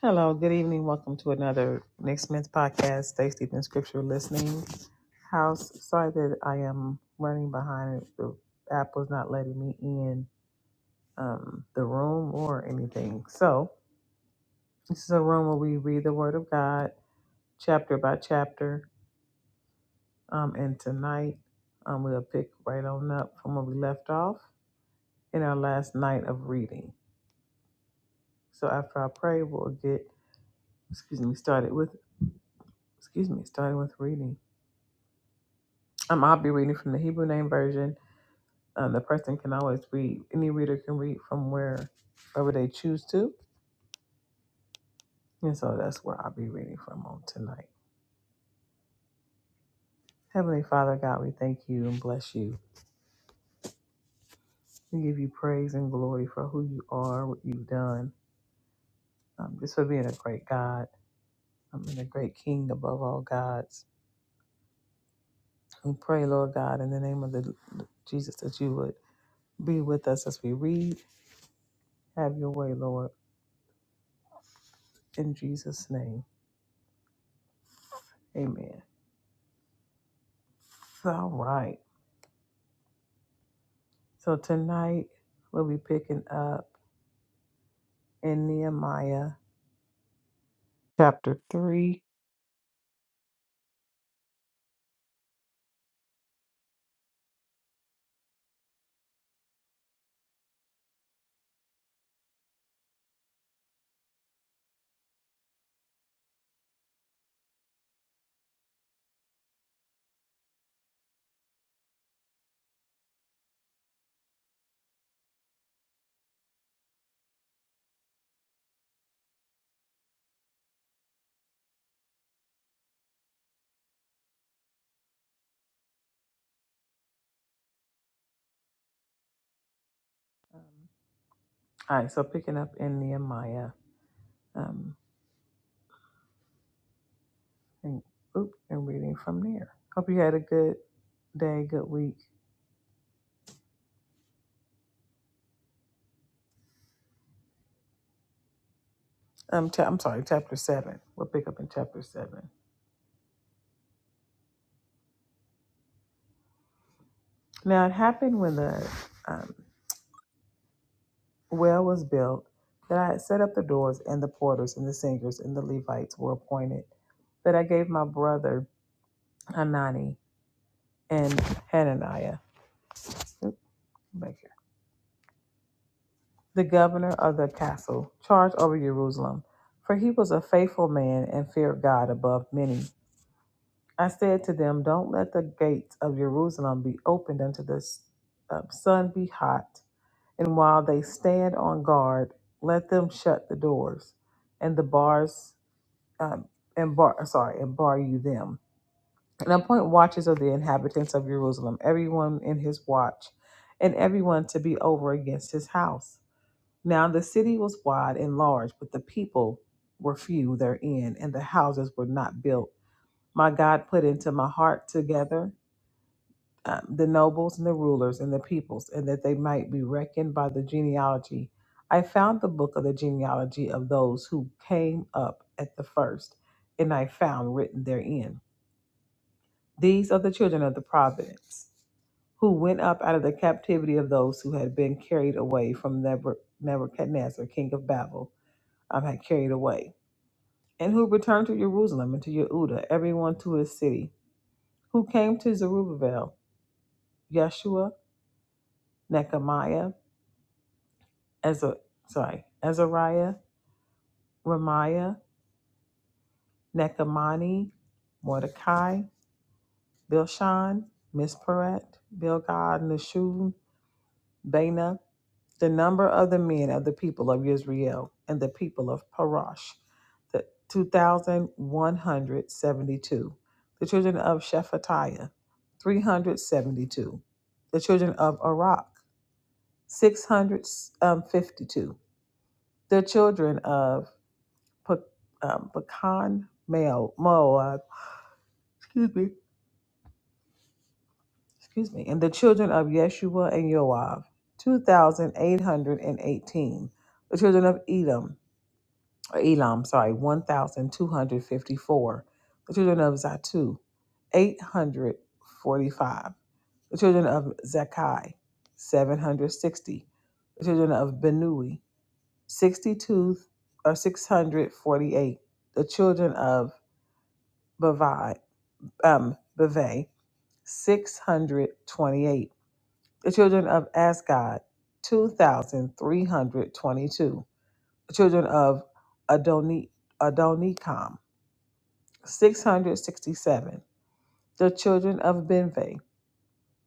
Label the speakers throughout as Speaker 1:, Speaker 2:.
Speaker 1: Hello, good evening. Welcome to another Next Men's podcast, Stay Steeped in Scripture Listening House. Sorry that I am running behind. The app was not letting me in um, the room or anything. So, this is a room where we read the Word of God chapter by chapter. Um, and tonight, um, we'll pick right on up from where we left off in our last night of reading. So, after I pray, we'll get, excuse me, started with, excuse me, starting with reading. Um, I'll be reading from the Hebrew Name Version. Um, the person can always read, any reader can read from where, wherever they choose to. And so that's where I'll be reading from on tonight. Heavenly Father, God, we thank you and bless you. We give you praise and glory for who you are, what you've done. Um, just for being a great God um, and a great King above all gods. We pray, Lord God, in the name of the Jesus, that you would be with us as we read. Have your way, Lord. In Jesus' name, amen. All right. So tonight we'll be picking up in Nehemiah chapter 3. Um, All right, so picking up in Nehemiah um, and, oop, and reading from there. Hope you had a good day, good week. Um, cha- I'm sorry, chapter 7. We'll pick up in chapter 7. Now it happened when the um, well was built that I had set up the doors and the porters and the singers and the Levites were appointed, that I gave my brother Hanani and Hananiah. back here. The governor of the castle charged over Jerusalem, for he was a faithful man and feared God above many. I said to them, Don't let the gates of Jerusalem be opened until the s- uh, sun be hot, and while they stand on guard, let them shut the doors and the bars, um, and bar, sorry, and bar you them. And appoint watches of the inhabitants of Jerusalem, everyone in his watch, and everyone to be over against his house Now the city was wide and large, but the people were few therein, and the houses were not built. My God put into my heart together um, the nobles and the rulers and the peoples, and that they might be reckoned by the genealogy. I found the book of the genealogy of those who came up at the first, and I found written therein. These are the children of the providence who went up out of the captivity of those who had been carried away from Nebuchadnezzar, king of Babel I'm had carried away, and who returned to Jerusalem and to Yehuda, everyone to his city, who came to Zerubbabel, Yeshua, Nechemiah, Ezra, sorry, Ezariah, Ramiah, Nechemani, Mordecai, Bilshan, Misperet, Bilgad, Nashun, Bana, the number of the men of the people of Israel and the people of Parash, the 2,172. The children of Shephatiah, 372. The children of Arak, 652. The children of Pe- um, Pekan, Mo- Moab, excuse me, excuse me, and the children of Yeshua and Yoav, 2,818. The children of Edom, or Elam, sorry, 1,254. The children of Zatu, 845. The children of Zakai, 760. The children of Benui, 62 or 648. The children of Bavai, um, Bavai, 628. The children of Asgod, 2,322. The children of Adoni, Adonikam, 667. The children of Benve,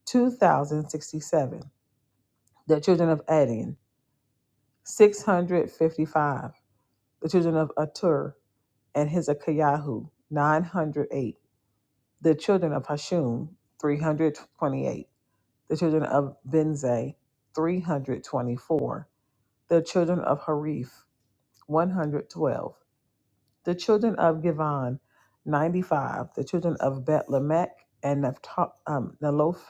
Speaker 1: 2067. The children of Adin, 655. The children of Atur and Hezekiahu, 908. The children of Hashum, 328. The children of Benze, 324. The children of Harif, 112. The children of Givon, 95. The children of Bet Lamech and Naphtali, um,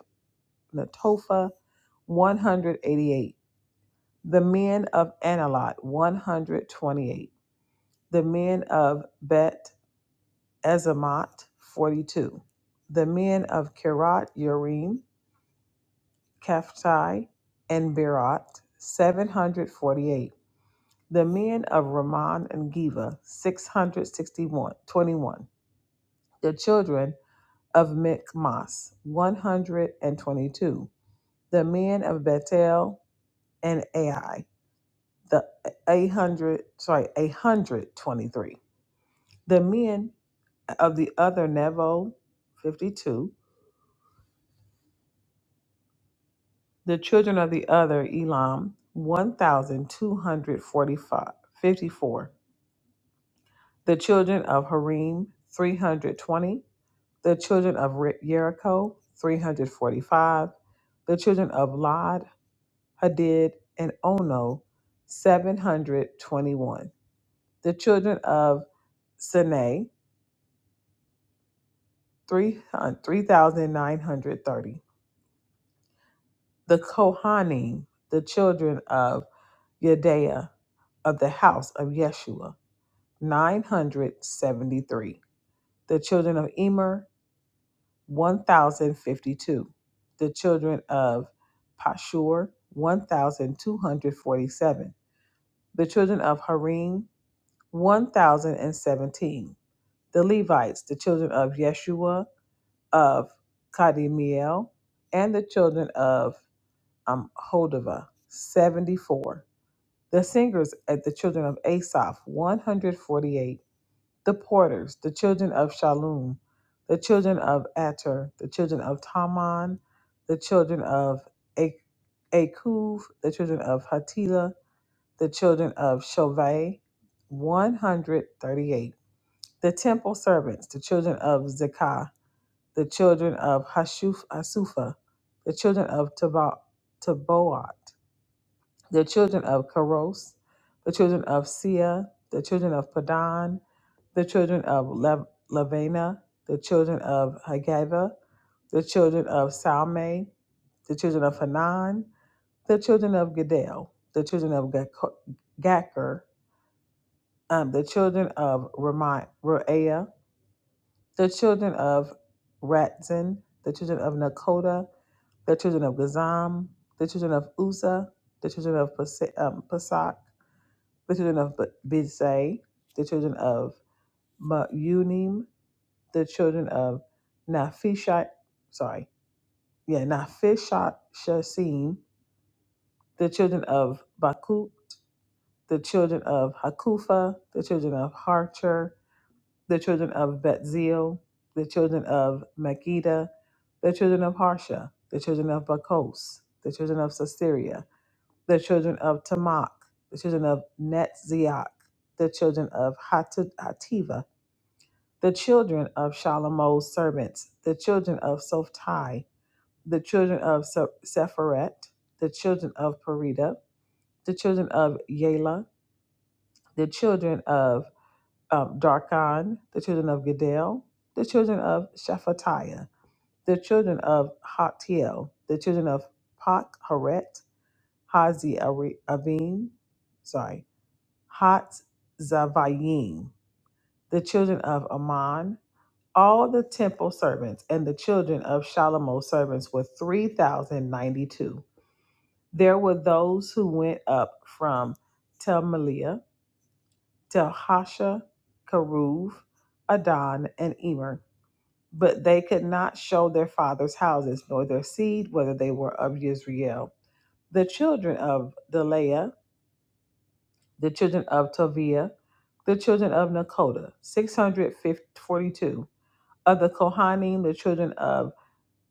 Speaker 1: Latopha, 188. The men of Analot, 128. The men of Bet Ezemot, 42. The men of Kirat Yerim, Kaphtai, and Berat, 748. The men of Ramon and Geva, 661. 21. The children of Mikmas, 122. The men of Bethel and Ai, the 800 sorry 823 the men of the other nevo 52 the children of the other elam 1245, 54. the children of harim 320 the children of Re- jericho 345 the children of lod hadid and ono 721 the children of Sinai three uh, three thousand nine hundred thirty. The Kohanim, the children of Yadea, of the house of Yeshua, nine hundred seventy-three. The children of Emer, one thousand fifty-two. The children of Pashur, one thousand two hundred forty-seven. The children of Harim, one thousand and seventeen. The Levites, the children of Yeshua of Kadimiel, and the children of um, Hodava, 74. The singers at the children of Asaph, 148. The porters, the children of Shalom, the children of Ater, the children of Taman, the children of A- Akuv, the children of Hatila, the children of Shovei, 138. The temple servants, the children of Zekah, the children of Hashuf Asufa, the children of Tabo- Taboat, the children of Karos, the children of Sia, the children of Padan, the children of Lev- Lavena, the children of Hagava, the children of Salme, the children of Hanan, the children of Gadel, the children of Gako- Gacher, um, the children of Ramai- Roea, the children of Ratzin, the children of Nakoda, the children of Gazam, the children of Uzzah, the children of Pas- um, Pasak, the children of B- Bidzai, the children of Meunim, the children of Nafishat, sorry, yeah, Nafishat Shasim, the children of Bakut, the children of Hakufa, the children of Harcher, the children of Betzeel, the children of Megiddo, the children of Harsha, the children of Bakos, the children of Sasiria, the children of Tamak, the children of Netziach, the children of Hativa, the children of Shalomo's servants, the children of Sophtai, the children of Se- Sepheret, the children of Perida, the children of Yela, the children of um, Darkon, the children of Gedel, the children of Shephatiah, the children of Hatiel, the children of Pak Haret, Hazi Ari- Avim, sorry, Hat Zavayim, the children of Ammon, All the temple servants and the children of Shalomo's servants were 3,092. There were those who went up from Telmelia, Telhasha, Karuv, Adon, and Emer, but they could not show their fathers' houses nor their seed, whether they were of Yisrael. The children of Deleah, the children of Toviah, the children of Nakoda, 642. Of the Kohanim, the children of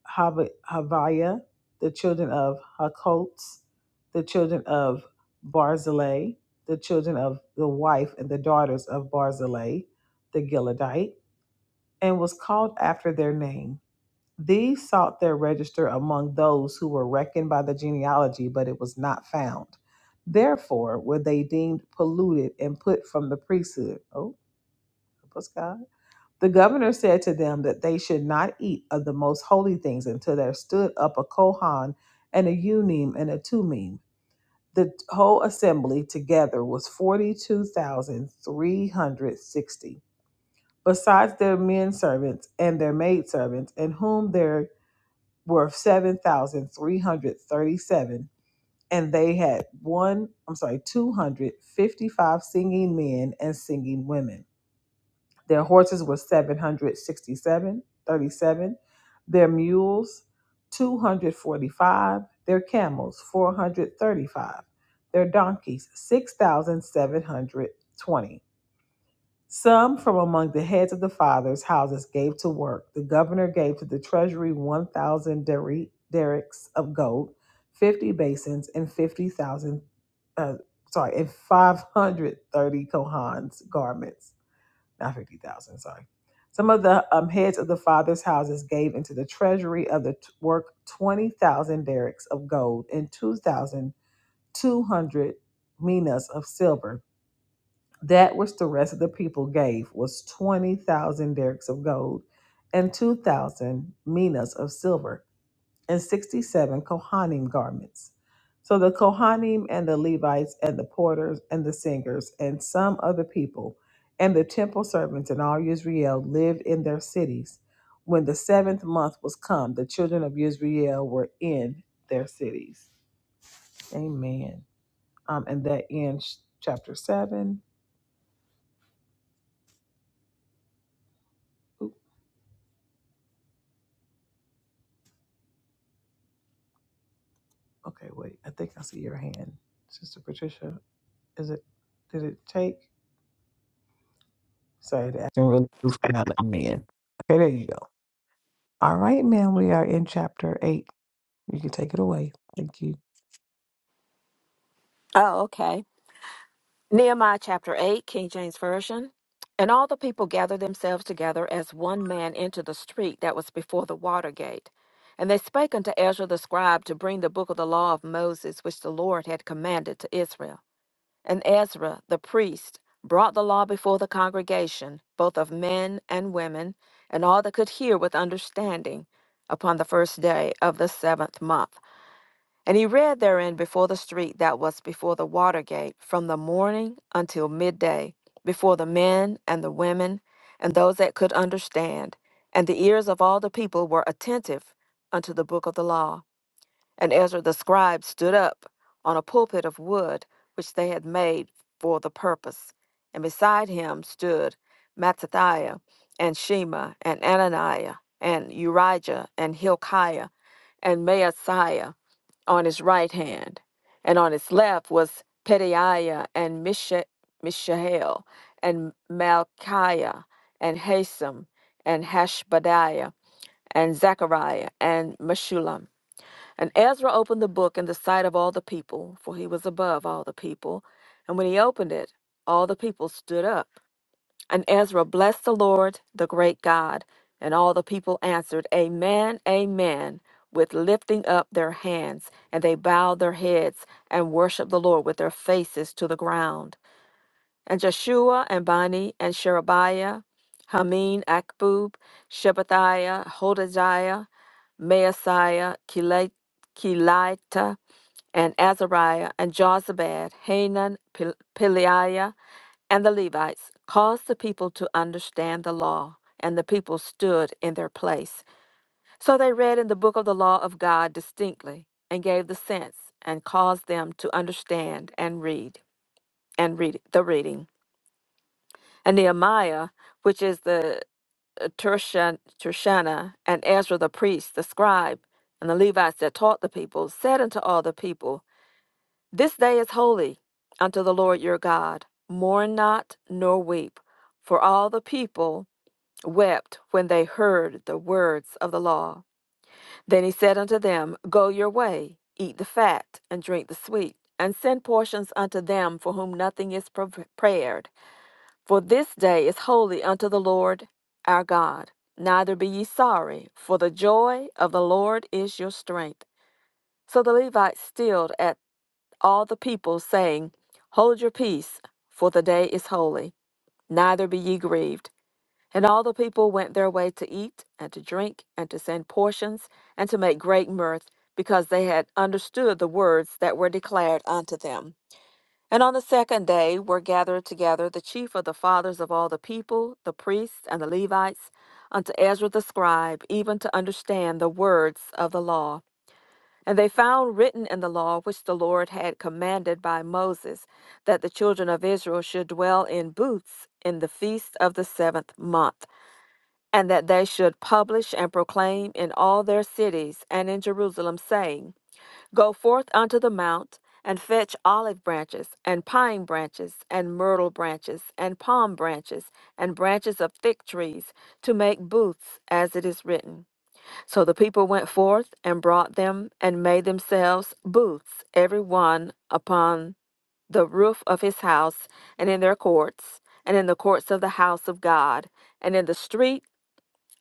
Speaker 1: Hav- Haviah, the children of Hakolts, the children of Barzillai, the children of the wife and the daughters of Barzillai, the Gileadite, and was called after their name. These sought their register among those who were reckoned by the genealogy, but it was not found. Therefore were they deemed polluted and put from the priesthood. Oh, help us, God the governor said to them that they should not eat of the most holy things until there stood up a Kohan and a Unim and a Tumim. The whole assembly together was 42,360, besides their men servants and their maid servants, in whom there were 7,337. And they had one, I'm sorry, 255 singing men and singing women. Their horses were 767, 37. Their mules, 245. Their camels, 435. Their donkeys, 6,720. Some from among the heads of the fathers' houses gave to work. The governor gave to the treasury 1,000 deri- derricks of gold, 50 basins, and 50,000, uh, sorry, and 530 Kohan's garments not 50,000, sorry. Some of the um, heads of the fathers' houses gave into the treasury of the t- work 20,000 derricks of gold and 2,200 minas of silver. That which the rest of the people gave was 20,000 derricks of gold and 2,000 minas of silver and 67 Kohanim garments. So the Kohanim and the Levites and the porters and the singers and some other people and the temple servants and all Israel lived in their cities. When the seventh month was come, the children of Israel were in their cities. Amen. Um, and that ends chapter 7. Oop, okay, wait. I think I see your hand. Sister Patricia, is it, did it take? Sorry, the action really do for not letting me in. Okay, there you go. All right, ma'am, we are in chapter eight. You can take it away. Thank you.
Speaker 2: Oh, okay. Nehemiah chapter 8, King James Version. And all the people gathered themselves together as one man into the street that was before the water gate. And they spake unto Ezra the scribe to bring the book of the law of Moses, which the Lord had commanded to Israel. And Ezra the priest brought the law before the congregation, both of men and women, and all that could hear with understanding, upon the first day of the seventh month. And he read therein before the street that was before the water gate, from the morning until midday, before the men and the women, and those that could understand. And the ears of all the people were attentive unto the book of the law. And Ezra the scribe stood up on a pulpit of wood, which they had made for the purpose. And beside him stood Mattithiah and Shema, and Ananiah, and Urijah, and Hilkiah, and Maasiah on his right hand, and on his left was Pedaiah and Misha- Mishael and Malchiah and Hasam and Hashbadiah and Zechariah and Meshullam. And Ezra opened the book in the sight of all the people, for he was above all the people. And when he opened it, all the people stood up. And Ezra blessed the Lord, the great God. And all the people answered, Amen, Amen, with lifting up their hands. And they bowed their heads and worshiped the Lord with their faces to the ground. And Jeshua and Bani and Sherebiah, Hameen, Akbub, Shebathiah, Hodadiah, Maasiah, Kila- Kelita, and Azariah, and Jozabad, Hanan, Pel- Peliah, and the Levites caused the people to understand the law, and the people stood in their place. So they read in the book of the law of God distinctly, and gave the sense, and caused them to understand and read, and read the reading. And Nehemiah, which is the uh, Tershan- Tershana, and Ezra the priest, the scribe, and the Levites that taught the people, said unto all the people, This day is holy unto the Lord your God. Mourn not, nor weep. For all the people wept when they heard the words of the law. Then he said unto them, Go your way, eat the fat, and drink the sweet, and send portions unto them for whom nothing is prepared. For this day is holy unto the Lord our God. Neither be ye sorry, for the joy of the Lord is your strength. So the Levites stilled at all the people, saying, Hold your peace, for the day is holy. Neither be ye grieved. And all the people went their way to eat and to drink and to send portions and to make great mirth, because they had understood the words that were declared unto them. And on the second day were gathered together the chief of the fathers of all the people, the priests and the Levites, unto Ezra the scribe, even to understand the words of the law. And they found written in the law which the Lord had commanded by Moses, that the children of Israel should dwell in booths in the feast of the seventh month and that they should publish and proclaim in all their cities and in Jerusalem, saying, Go forth unto the mount, and fetch olive branches, and pine branches, and myrtle branches, and palm branches, and branches of fig trees, to make booths, as it is written. So the people went forth and brought them, and made themselves booths, every one upon the roof of his house, and in their courts, and in the courts of the house of God, and in the street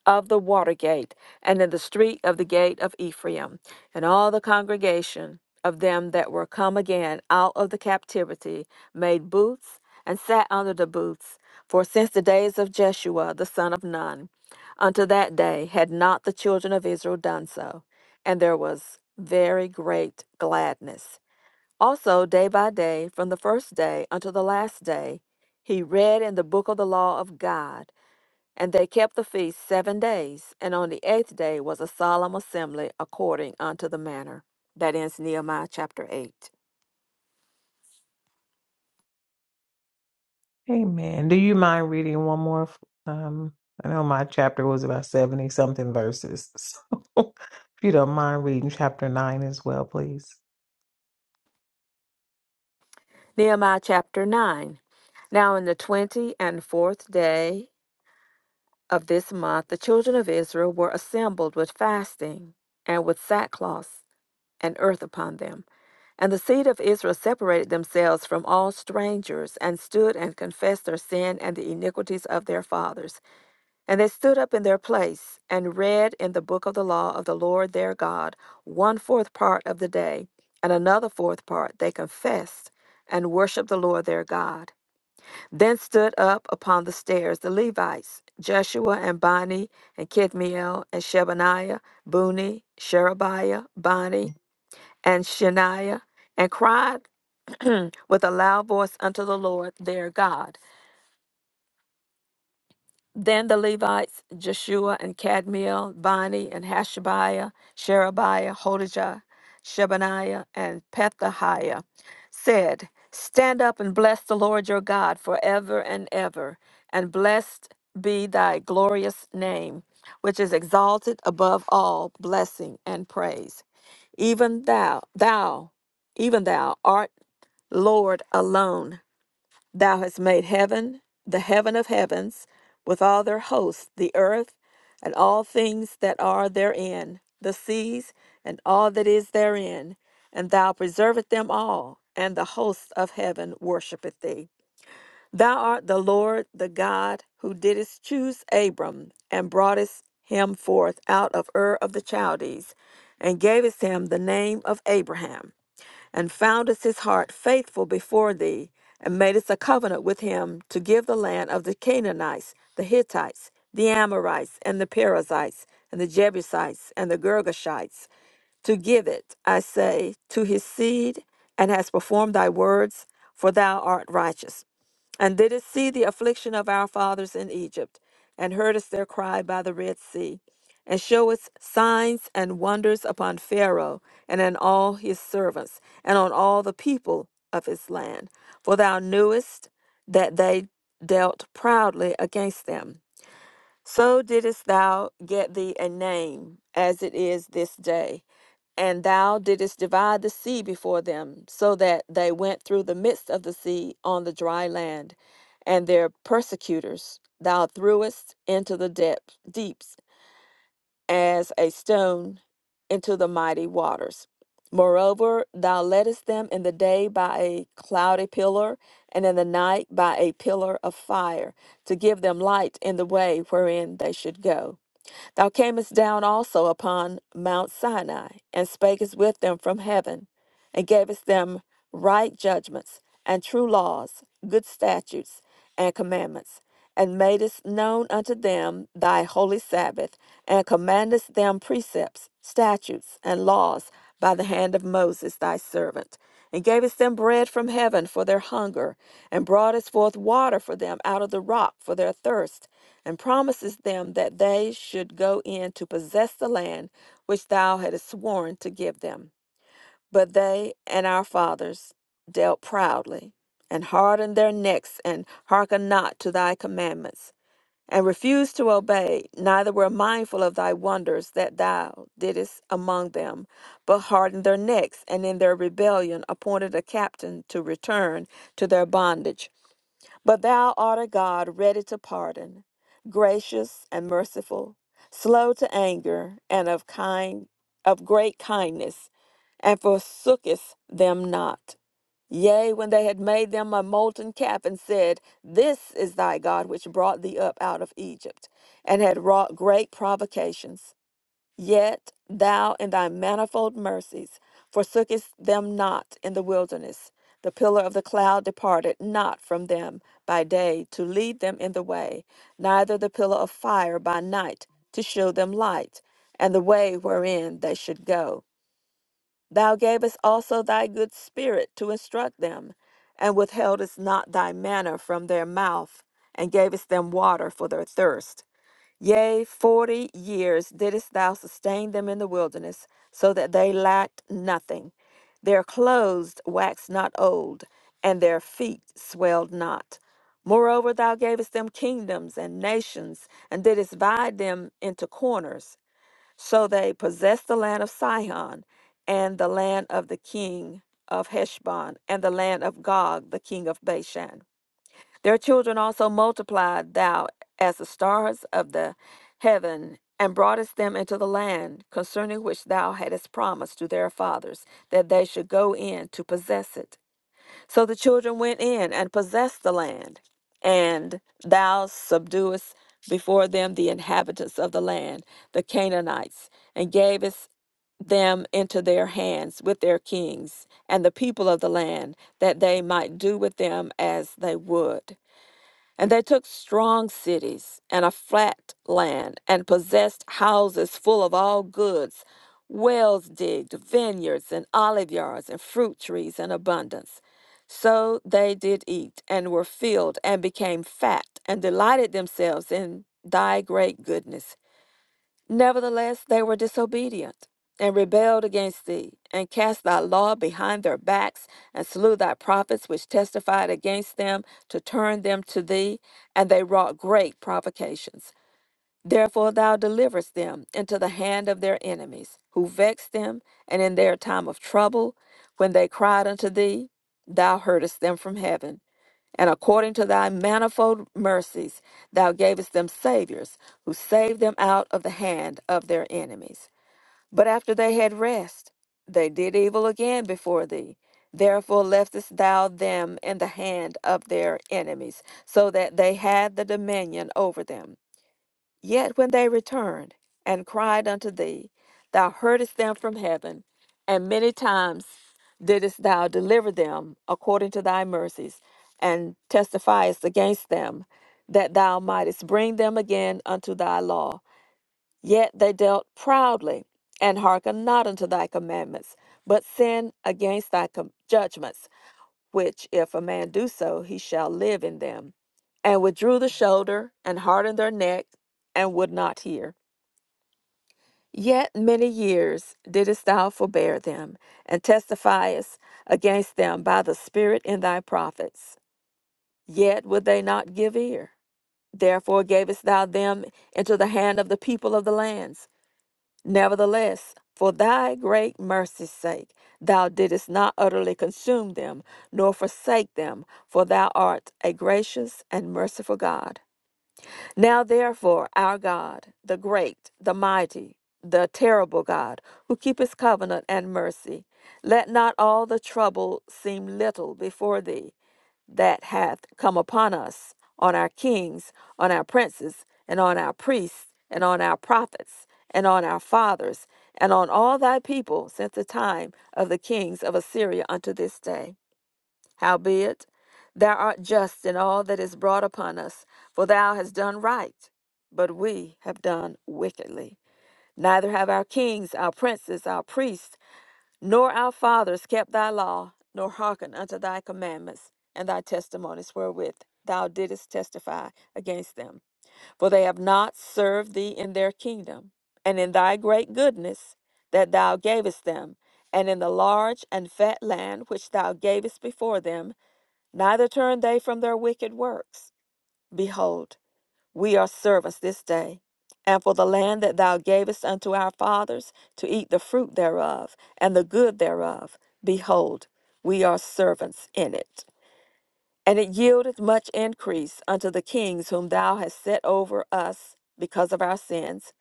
Speaker 2: of the water gate, and in the street of the gate of Ephraim, and all the congregation of them that were come again out of the captivity made booths and sat under the booths. For since the days of Jeshua the son of Nun unto that day had not the children of Israel done so, and there was very great gladness. Also, day by day, from the first day unto the last day, he read in the book of the law of God and they kept the feast seven days, and on the eighth day was a solemn assembly according unto the manner. That ends Nehemiah chapter 8.
Speaker 1: Amen. Do you mind reading one more? Um, I know my chapter was about 70 something verses. So if you don't mind reading chapter nine as well, please.
Speaker 2: Nehemiah chapter 9. Now, in the twenty and fourth day of this month, the children of Israel were assembled with fasting and with sackcloth and earth upon them. And the seed of Israel separated themselves from all strangers, and stood and confessed their sin and the iniquities of their fathers. And they stood up in their place and read in the book of the law of the Lord their God one fourth part of the day, and another fourth part they confessed and worshiped the Lord their God. Then stood up upon the stairs the Levites, Jeshua and Bani and Kidmiel and Shebaniah, Buni, Sherebiah, Bani, and Shaniah, and cried with a loud voice unto the Lord their God. Then the Levites, Jeshua and Cadmiel, Bani and Hashabiah, Sherebiah, Hodijah, Shebaniah, and Pethahiah, said, Stand up and bless the Lord your God forever and ever, and blessed be thy glorious name, which is exalted above all blessing and praise. Even thou, thou, even thou art Lord alone. Thou hast made heaven, the heaven of heavens, with all their hosts, the earth, and all things that are therein, the seas, and all that is therein, and thou preserveth them all, and the hosts of heaven worshippeth thee. Thou art the Lord, the God, who didst choose Abram, and broughtest him forth out of Ur of the Chaldees, and gavest him the name of Abraham and foundeth his heart faithful before thee, and madest a covenant with him to give the land of the Canaanites, the Hittites, the Amorites, and the Perizzites, and the Jebusites, and the Girgashites, to give it, I say, to his seed, and hast performed thy words, for thou art righteous and didst see the affliction of our fathers in Egypt, and heardest their cry by the Red Sea, and showest signs and wonders upon Pharaoh, and on all his servants, and on all the people of his land. For thou knewest that they dealt proudly against them so didst thou get thee a name, as it is this day. And thou didst divide the sea before them, so that they went through the midst of the sea on the dry land, and their persecutors thou threwest into the depth, deeps as a stone into the mighty waters. Moreover, thou leddest them in the day by a cloudy pillar, and in the night by a pillar of fire, to give them light in the way wherein they should go. Thou camest down also upon Mount Sinai, and spakest with them from heaven and gavest them right judgments and true laws, good statutes and commandments, and madest known unto them thy holy Sabbath, and commandest them precepts, statutes, and laws by the hand of Moses thy servant, and gavest them bread from heaven for their hunger, and broughtest forth water for them out of the rock for their thirst, and promisest them that they should go in to possess the land which thou hadst sworn to give them. But they and our fathers dealt proudly, and hardened their necks, and hearkened not to thy commandments, and refused to obey, neither were mindful of thy wonders that thou didst among them, but hardened their necks, and in their rebellion appointed a captain to return to their bondage. But thou art a God ready to pardon, gracious and merciful, slow to anger, and of kind of great kindness, and forsookest them not. Yea, when they had made them a molten calf and said, This is thy God which brought thee up out of Egypt, and had wrought great provocations. Yet thou in thy manifold mercies forsookest them not in the wilderness. The pillar of the cloud departed not from them by day to lead them in the way, neither the pillar of fire by night to show them light, and the way wherein they should go. Thou gavest also thy good spirit to instruct them, and withheldest not thy manna from their mouth, and gavest them water for their thirst Yea, forty years didst thou sustain them in the wilderness, so that they lacked nothing. Their clothes waxed not old, and their feet swelled not. Moreover, thou gavest them kingdoms and nations, and didst divide them into corners. So they possessed the land of Sihon, and the land of the king of Heshbon, and the land of Gog, the king of Bashan. Their children also multiplied thou as the stars of the heaven, and broughtest them into the land concerning which thou hadst promised to their fathers, that they should go in to possess it. So the children went in and possessed the land, and thou subduest before them the inhabitants of the land, the Canaanites, and gavest them into their hands with their kings and the people of the land, that they might do with them as they would. And they took strong cities and a flat land and possessed houses full of all goods, wells digged, vineyards and olive yards and fruit trees in abundance. So they did eat and were filled and became fat and delighted themselves in thy great goodness. Nevertheless, they were disobedient and rebelled against thee, and cast thy law behind their backs, and slew thy prophets which testified against them to turn them to thee, and they wrought great provocations. Therefore thou deliverest them into the hand of their enemies, who vexed them, and in their time of trouble, when they cried unto thee, thou heardest them from heaven. And according to thy manifold mercies, thou gavest them saviors, who saved them out of the hand of their enemies. But after they had rest, they did evil again before thee. Therefore leftest thou them in the hand of their enemies, so that they had the dominion over them. Yet when they returned and cried unto thee, thou heardest them from heaven, and many times didst thou deliver them according to thy mercies, and testifiest against them, that thou mightest bring them again unto thy law. Yet they dealt proudly, and hearkened not unto thy commandments, but sinned against thy com- judgments which if a man do so, he shall live in them. And withdrew the shoulder, and hardened their neck, and would not hear. Yet many years didst thou forbear them, and testifiest against them by the Spirit in thy prophets. Yet would they not give ear. Therefore gavest thou them into the hand of the people of the lands Nevertheless, for thy great mercy's sake, thou didst not utterly consume them, nor forsake them, for thou art a gracious and merciful God. Now, therefore, our God, the great, the mighty, the terrible God, who keepeth covenant and mercy, let not all the trouble seem little before thee, that hath come upon us, on our kings, on our princes, and on our priests, and on our prophets, and on our fathers, and on all thy people since the time of the kings of Assyria unto this day. Howbeit, thou art just in all that is brought upon us, for thou hast done right, but we have done wickedly. Neither have our kings, our princes, our priests, nor our fathers kept thy law, nor hearkened unto thy commandments and thy testimonies wherewith thou didst testify against them. For they have not served thee in their kingdom, and in thy great goodness that thou gavest them, and in the large and fat land which thou gavest before them, neither turned they from their wicked works. Behold, we are servants this day, and for the land that thou gavest unto our fathers to eat the fruit thereof and the good thereof, behold, we are servants in it. And it yieldeth much increase unto the kings whom thou hast set over us because of our sins.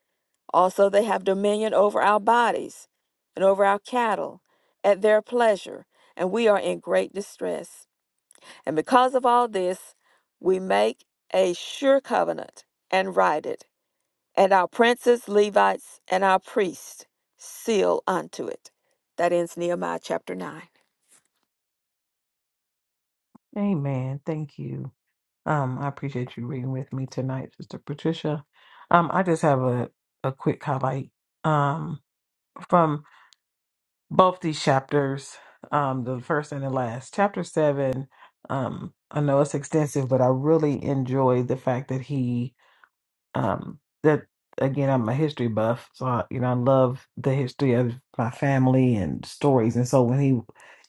Speaker 2: Also they have dominion over our bodies and over our cattle at their pleasure, and we are in great distress. And because of all this, we make a sure covenant and write it and our princes, Levites, and our priests seal unto it. That ends Nehemiah chapter 9.
Speaker 1: Amen. Thank you. Um, I appreciate you reading with me tonight, Sister Patricia. Um, I just have a, a quick highlight. Um, from both these chapters, um, the first and the last. Chapter seven, um, I know it's extensive, but I really enjoyed the fact that he, um, that again, I'm a history buff, so I, you know I love the history of my family and stories, and so when he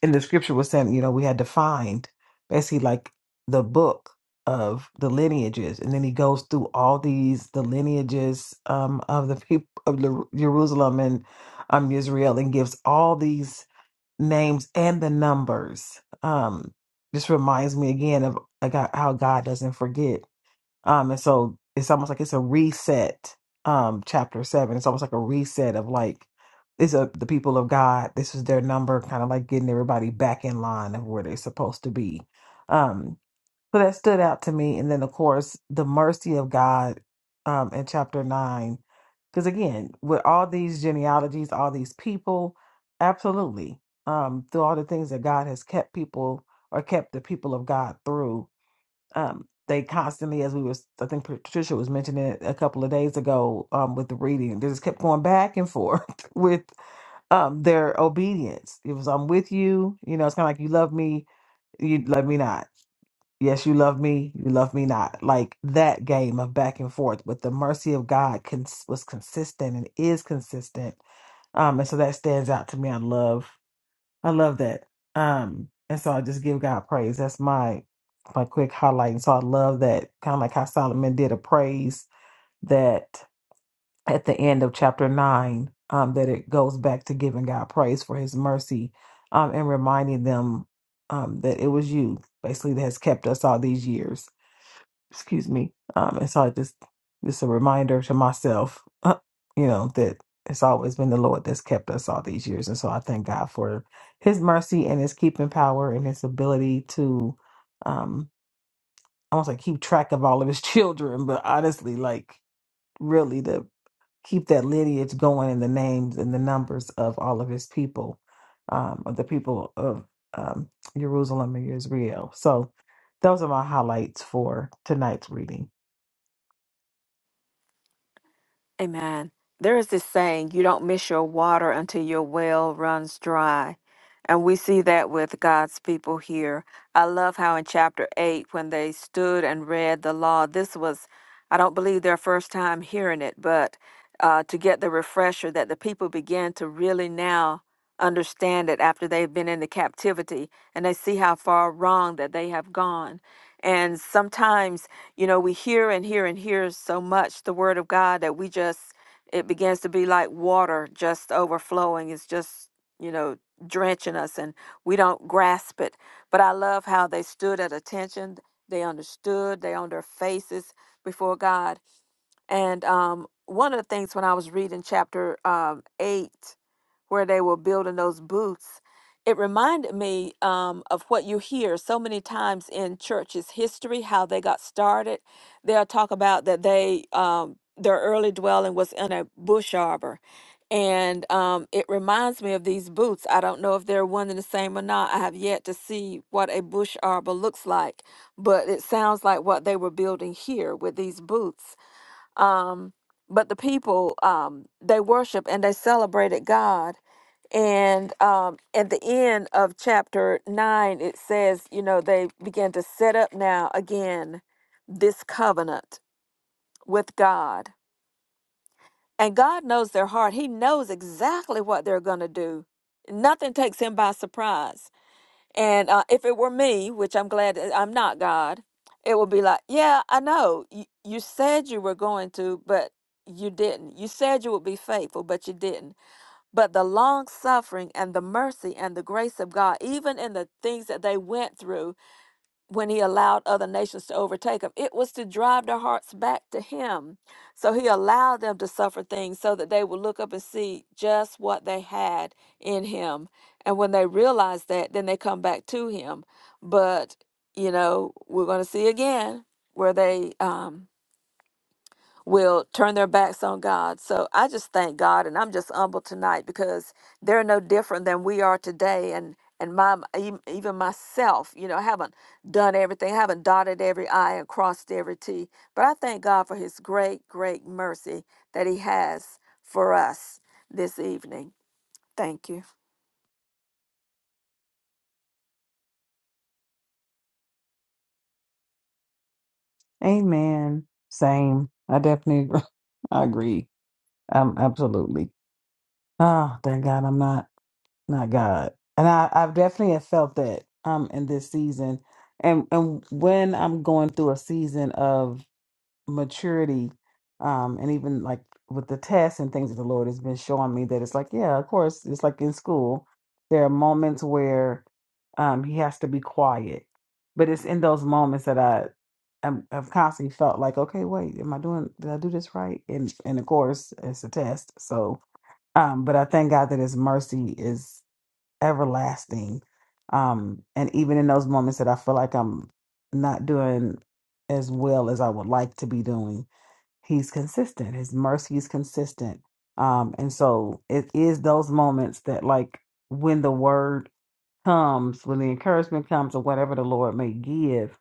Speaker 1: in the scripture was saying, you know, we had to find basically like the book of the lineages and then he goes through all these the lineages um of the people of Jeru- Jerusalem and um, Israel and gives all these names and the numbers. Um, this reminds me again of like how how God doesn't forget. Um, and so it's almost like it's a reset. Um, chapter seven. It's almost like a reset of like these are the people of God. This is their number, kind of like getting everybody back in line of where they're supposed to be. Um, so that stood out to me. And then, of course, the mercy of God um, in chapter nine. Because again, with all these genealogies, all these people, absolutely, um, through all the things that God has kept people or kept the people of God through, um, they constantly, as we were, I think Patricia was mentioning it a couple of days ago um, with the reading, they just kept going back and forth with um, their obedience. It was, I'm with you, you know, it's kind of like, you love me, you love me not Yes, you love me, you love me not. Like that game of back and forth, but the mercy of God cons- was consistent and is consistent. Um, and so that stands out to me. I love, I love that. Um, and so I just give God praise. That's my my quick highlight. And so I love that kind of like how Solomon did a praise that at the end of chapter nine, um, that it goes back to giving God praise for His mercy, um, and reminding them, um, that it was you basically that has kept us all these years excuse me. Um, and so I just just a reminder to myself, uh, you know, that it's always been the Lord that's kept us all these years, and so I thank God for His mercy and His keeping power and His ability to, um, I want to keep track of all of His children, but honestly, like really to keep that lineage going in the names and the numbers of all of His people, um, of the people of um, Jerusalem and Israel. So those are my highlights for tonight's reading.
Speaker 2: Amen. There is this saying, you don't miss your water until your well runs dry. And we see that with God's people here. I love how in chapter 8, when they stood and read the law, this was, I don't believe, their first time hearing it, but uh, to get the refresher that the people began to really now understand it after they've been in the captivity and they see how far wrong that they have gone. And sometimes, you know, we hear and hear and hear so much the word of God that we just, it begins to be like water just overflowing. It's just, you know, drenching us and we don't grasp it. But I love how they stood at attention. They understood, they on their faces before God. And um, one of the things when I was reading chapter um, 8 where they were building those booths, it reminded me um, of what you hear so many times in churches' history, how they got started. They'll talk about that they um, their early dwelling was in a bush arbor. And um, it reminds me of these booths. I don't know if they're one and the same or not. I have yet to see what a bush arbor looks like, but it sounds like what they were building here with these booths. Um, but the people um, they worship and they celebrated God. And um, at the end of chapter nine, it says, you know, they began to set up now again this covenant with God. And God knows their heart. He knows exactly what they're going to do. Nothing takes him by surprise and uh, if it were me, which I'm glad that I'm not God, it would be like, yeah, I know. You, you said you were going to, but you didn't. You said you would be faithful, but you didn't. But the long suffering and the mercy and the grace of God, even in the things that they went through, when he allowed other nations to overtake him, it was to drive their hearts back to him. So he allowed them to suffer things so that they would look up and see just what they had in him. And when they realize that, then they come back to him. But, you know, we're going to see again where they um, will turn their backs on God. So I just thank God and I'm just humble tonight because they're no different than we are today and and my e- even myself, you know, I haven't done everything, I haven't dotted every i and crossed every t, but I thank God for his great great mercy that he has for us this evening. Thank you.
Speaker 1: Amen. Same. I definitely I agree. Um, absolutely. Oh, thank God I'm not not God. And I, I've definitely have felt that um in this season. And and when I'm going through a season of maturity um and even like with the tests and things that the lord has been showing me that it's like yeah of course it's like in school there are moments where um he has to be quiet but it's in those moments that i I'm, i've constantly felt like okay wait am i doing did i do this right and and of course it's a test so um but i thank god that his mercy is everlasting um and even in those moments that i feel like i'm not doing as well as i would like to be doing he's consistent his mercy is consistent um and so it is those moments that like when the word comes when the encouragement comes or whatever the lord may give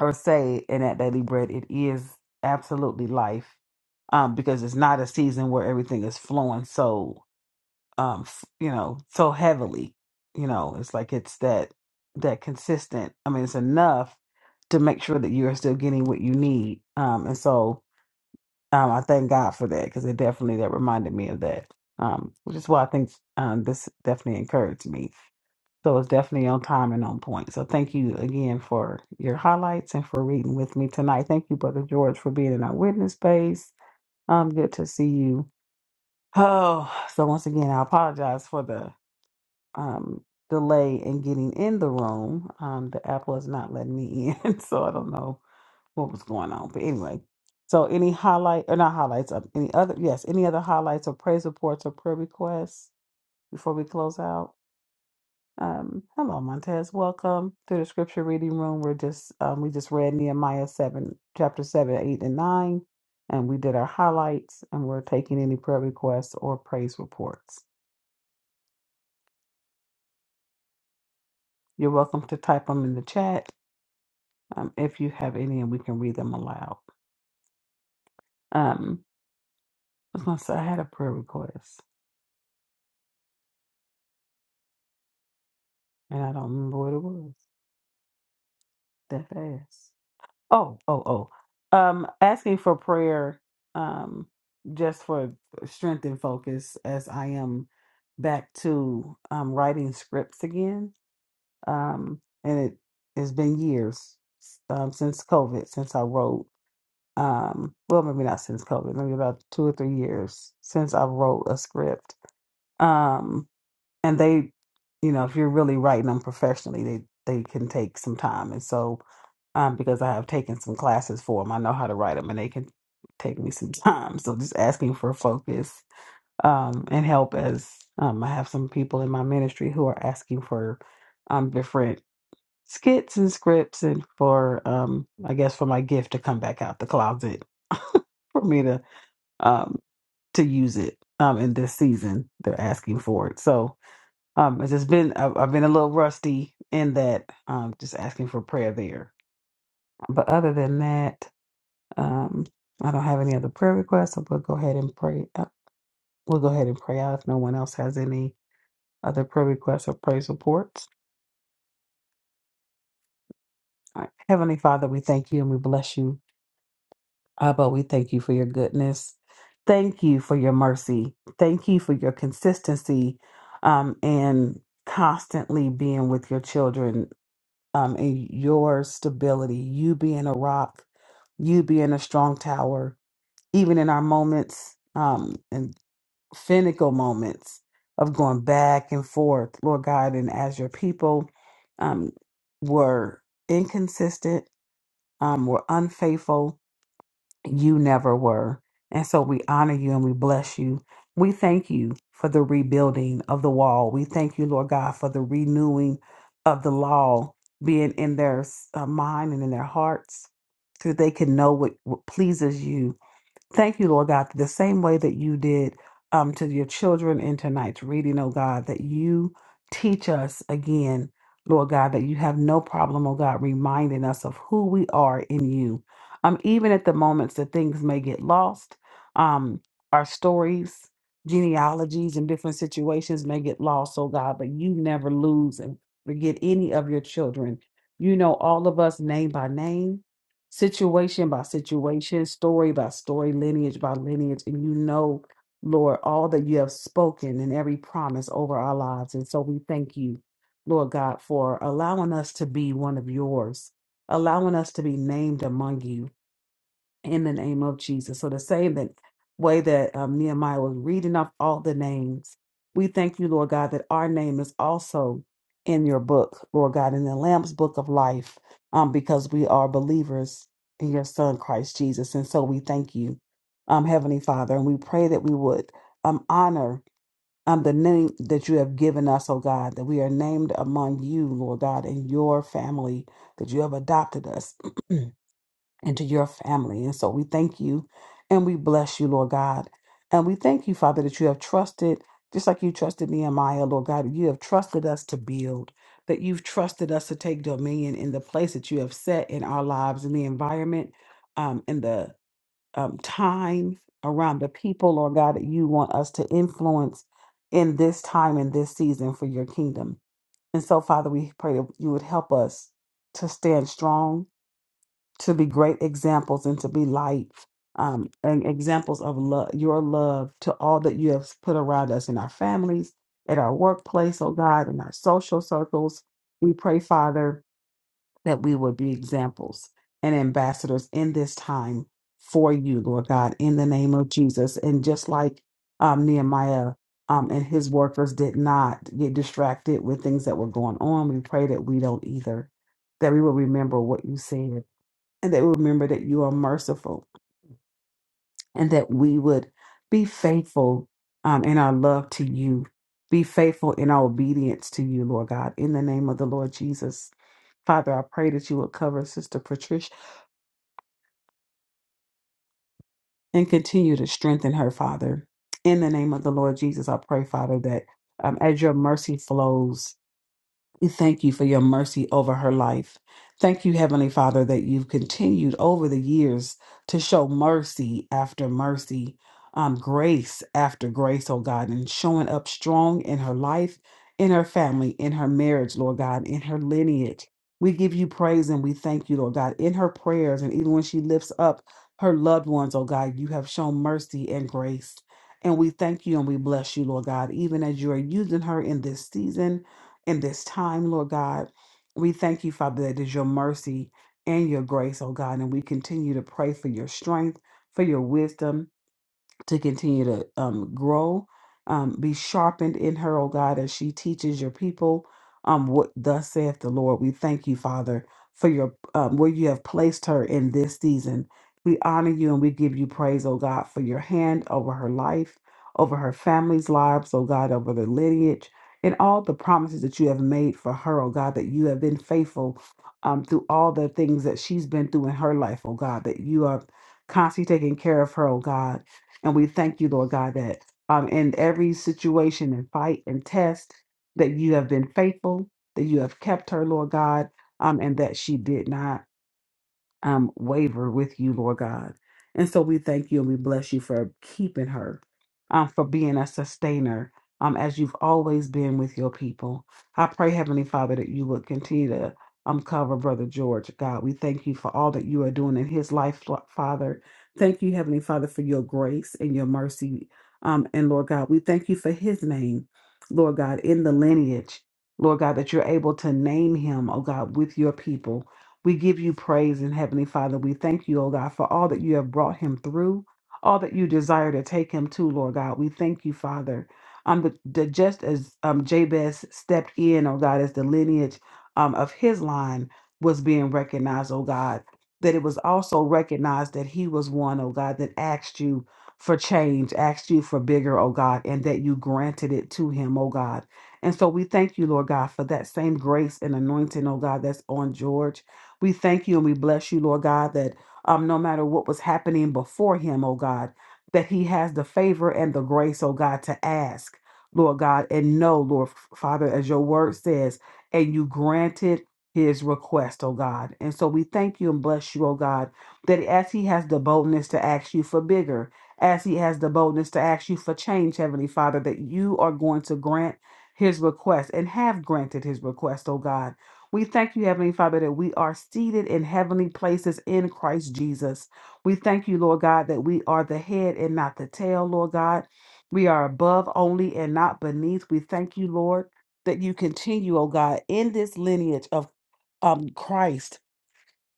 Speaker 1: or say in that daily bread it is absolutely life um because it's not a season where everything is flowing so um f- you know so heavily you know it's like it's that that consistent i mean it's enough to make sure that you're still getting what you need um and so um, I thank God for that because it definitely that reminded me of that, um, which is why I think um, this definitely encouraged me. So it's definitely on time and on point. So thank you again for your highlights and for reading with me tonight. Thank you, Brother George, for being in our witness space. Um, good to see you. Oh, so once again, I apologize for the um, delay in getting in the room. Um, the app was not letting me in, so I don't know what was going on. But anyway, so any highlight or not highlights of any other yes, any other highlights or praise reports or prayer requests before we close out? Um, hello Montez, welcome to the scripture reading room. We're just um, we just read Nehemiah seven, chapter seven, eight, and nine, and we did our highlights, and we're taking any prayer requests or praise reports. You're welcome to type them in the chat um, if you have any, and we can read them aloud. Um, I was gonna say I had a prayer request, and I don't remember what it was. That fast. Oh, oh, oh. Um, asking for prayer, um, just for strength and focus as I am back to um writing scripts again. Um, and it has been years um since COVID, since I wrote um well maybe not since COVID, maybe about two or three years since I wrote a script. Um and they you know if you're really writing them professionally they they can take some time and so um because i have taken some classes for them i know how to write them and they can take me some time so just asking for focus um and help as um i have some people in my ministry who are asking for um different skits and scripts and for um i guess for my gift to come back out the closet for me to um to use it um in this season they're asking for it so um, it's just been I've, I've been a little rusty in that. Um, just asking for prayer there. But other than that, um, I don't have any other prayer requests. So we'll go ahead and pray. Uh, we'll go ahead and pray out if no one else has any other prayer requests or praise reports. All right. Heavenly Father, we thank you and we bless you. Abba, we thank you for your goodness. Thank you for your mercy. Thank you for your consistency um, and constantly being with your children um, and your stability, you being a rock, you being a strong tower, even in our moments um, and finical moments of going back and forth, Lord God, and as your people um, were inconsistent, um, were unfaithful, you never were. And so we honor you and we bless you. We thank you for the rebuilding of the wall. We thank you, Lord God, for the renewing of the law being in their uh, mind and in their hearts so they can know what, what pleases you Thank you, Lord God, the same way that you did um, to your children in tonight's reading, oh God, that you teach us again, Lord God, that you have no problem, oh God, reminding us of who we are in you. Um, even at the moments that things may get lost, um, our stories, genealogies, and different situations may get lost, oh God, but you never lose and forget any of your children. You know all of us name by name situation by situation, story by story, lineage by lineage. And you know, Lord, all that you have spoken and every promise over our lives. And so we thank you, Lord God, for allowing us to be one of yours, allowing us to be named among you in the name of Jesus. So the same that way that um, Nehemiah was reading off all the names, we thank you, Lord God, that our name is also in your book, Lord God, in the Lamb's book of life, um, because we are believers in your Son Christ Jesus, and so we thank you, um, Heavenly Father, and we pray that we would um, honor. Um, the name that you have given us, oh God, that we are named among you, Lord God, in your family, that you have adopted us Into your family. And so we thank you and we bless you, Lord God. And we thank you, Father, that you have trusted, just like you trusted me and Maya, Lord God, you have trusted us to build, that you've trusted us to take dominion in the place that you have set in our lives, in the environment, um, in the um, time around the people, Lord God, that you want us to influence in this time and this season for your kingdom. And so, Father, we pray that you would help us to stand strong to be great examples and to be light um, and examples of love, your love to all that you have put around us in our families, at our workplace, oh God, in our social circles. We pray, Father, that we would be examples and ambassadors in this time for you, Lord God, in the name of Jesus. And just like um, Nehemiah um, and his workers did not get distracted with things that were going on, we pray that we don't either, that we will remember what you said and that we remember that you are merciful and that we would be faithful um, in our love to you, be faithful in our obedience to you, Lord God, in the name of the Lord Jesus. Father, I pray that you would cover Sister Patricia and continue to strengthen her, Father. In the name of the Lord Jesus, I pray, Father, that um, as your mercy flows, We thank you for your mercy over her life. Thank you, Heavenly Father, that you've continued over the years to show mercy after mercy, um, grace after grace, oh God, and showing up strong in her life, in her family, in her marriage, Lord God, in her lineage. We give you praise and we thank you, Lord God, in her prayers and even when she lifts up her loved ones, oh God, you have shown mercy and grace. And we thank you and we bless you, Lord God, even as you are using her in this season in this time, Lord God. We thank you, Father, that is your mercy and your grace, oh God. And we continue to pray for your strength, for your wisdom, to continue to um, grow, um, be sharpened in her, oh God, as she teaches your people um, what thus saith the Lord. We thank you, Father, for your um, where you have placed her in this season. We honor you and we give you praise, oh God, for your hand over her life, over her family's lives, oh God, over the lineage, and all the promises that you have made for her, oh God, that you have been faithful um, through all the things that she's been through in her life, oh God, that you are constantly taking care of her, oh God and we thank you, Lord God, that um, in every situation and fight and test, that you have been faithful, that you have kept her, Lord God, um, and that she did not um, waver with you, Lord God. And so we thank you and we bless you for keeping her, um, for being a sustainer, um, as you've always been with your people. I pray, Heavenly Father, that you would continue to um, cover Brother George. God, we thank you for all that you are doing in his life, Fa- Father. Thank you, Heavenly Father, for your grace and your mercy. Um, and Lord God, we thank you for his name, Lord God, in the lineage. Lord God, that you're able to name him, oh God, with your people. We give you praise and Heavenly Father. We thank you, O God, for all that you have brought him through, all that you desire to take him to, Lord God. We thank you, Father. Um, the, the, just as um, Jabez stepped in, oh God, as the lineage um, of his line was being recognized, oh God, that it was also recognized that he was one, oh God, that asked you for change, asked you for bigger, oh God, and that you granted it to him, oh God. And so we thank you, Lord God, for that same grace and anointing, oh God, that's on George. We thank you and we bless you, Lord God, that um, no matter what was happening before him, oh God, that he has the favor and the grace, oh God, to ask, Lord God, and know, Lord Father, as your word says, and you granted his request, oh God. And so we thank you and bless you, oh God, that as he has the boldness to ask you for bigger, as he has the boldness to ask you for change, Heavenly Father, that you are going to grant his request and have granted his request, oh God. We thank you, Heavenly Father, that we are seated in heavenly places in Christ Jesus. We thank you, Lord God, that we are the head and not the tail, Lord God. We are above only and not beneath. We thank you, Lord, that you continue, oh God, in this lineage of um, Christ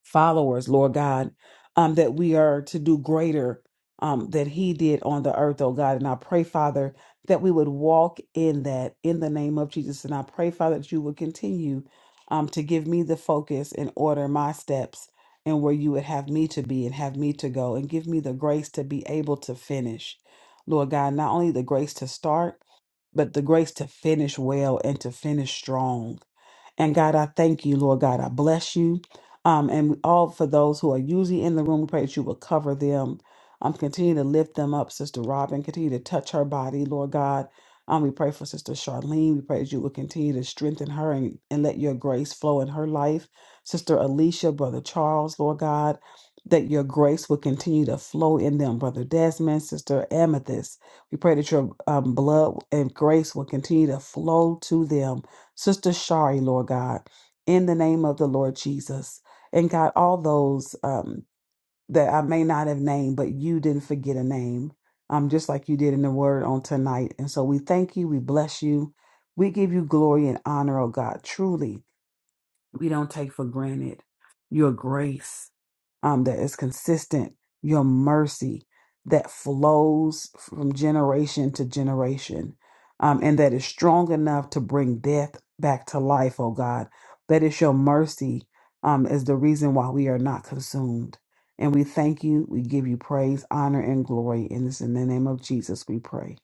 Speaker 1: followers, Lord God, um, that we are to do greater um, than He did on the earth, oh God. And I pray, Father, that we would walk in that in the name of Jesus. And I pray, Father, that you would continue um, to give me the focus and order my steps and where you would have me to be and have me to go and give me the grace to be able to finish. Lord God, not only the grace to start, but the grace to finish well and to finish strong. And God, I thank you, Lord God. I bless you. Um, and all for those who are usually in the room, we pray that you will cover them. Um, continue to lift them up, Sister Robin. Continue to touch her body, Lord God. Um, we pray for Sister Charlene. We pray that you will continue to strengthen her and, and let your grace flow in her life. Sister Alicia, Brother Charles, Lord God, that your grace will continue to flow in them. Brother Desmond, Sister Amethyst, we pray that your um, blood and grace will continue to flow to them Sister Shari, Lord God, in the name of the Lord Jesus. And God, all those um, that I may not have named, but you didn't forget a name, um, just like you did in the word on tonight. And so we thank you, we bless you, we give you glory and honor, oh God, truly we don't take for granted your grace um, that is consistent, your mercy that flows from generation to generation, um, and that is strong enough to bring death back to life, oh God. That is your mercy um, is the reason why we are not consumed. And we thank you. We give you praise, honor, and glory. And it's in the name of Jesus we pray.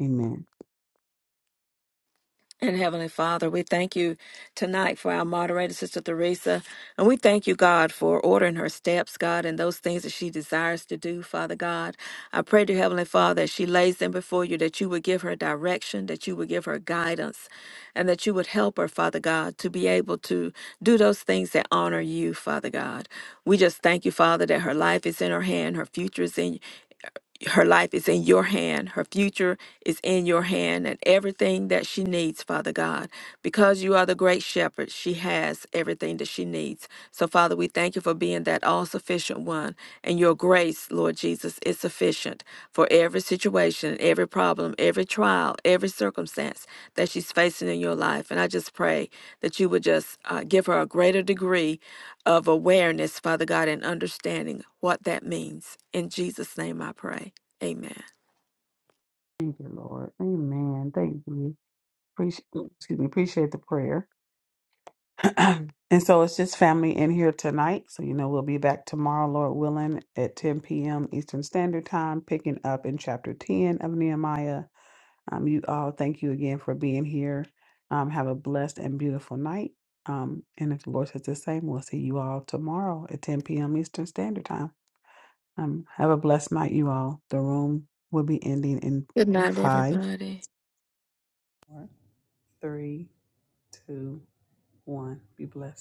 Speaker 1: Amen.
Speaker 2: And Heavenly Father, we thank you tonight for our moderator, Sister Theresa. And we thank you, God, for ordering her steps, God, and those things that she desires to do, Father God. I pray to Heavenly Father, as she lays them before you, that you would give her direction, that you would give her guidance, and that you would help her, Father God, to be able to do those things that honor you, Father God. We just thank you, Father, that her life is in her hand, her future is in her life is in your hand. Her future is in your hand and everything that she needs, Father God. Because you are the great shepherd, she has everything that she needs. So, Father, we thank you for being that all sufficient one. And your grace, Lord Jesus, is sufficient for every situation, every problem, every trial, every circumstance that she's facing in your life. And I just pray that you would just uh, give her a greater degree of awareness, Father God, and understanding what that means. In Jesus' name I pray. Amen.
Speaker 1: Thank you, Lord. Amen. Thank you. Appreciate, excuse me. Appreciate the prayer. and so it's just family in here tonight. So, you know, we'll be back tomorrow, Lord willing, at 10 p.m. Eastern Standard Time, picking up in chapter 10 of Nehemiah. Um, you all, thank you again for being here. Um, have a blessed and beautiful night. Um, and if the Lord says the same, we'll see you all tomorrow at 10 p.m. Eastern Standard Time. Um, have a blessed night, you all. The room will be ending in
Speaker 2: Good night,
Speaker 1: five,
Speaker 2: everybody.
Speaker 1: four, three, two, one. Be blessed.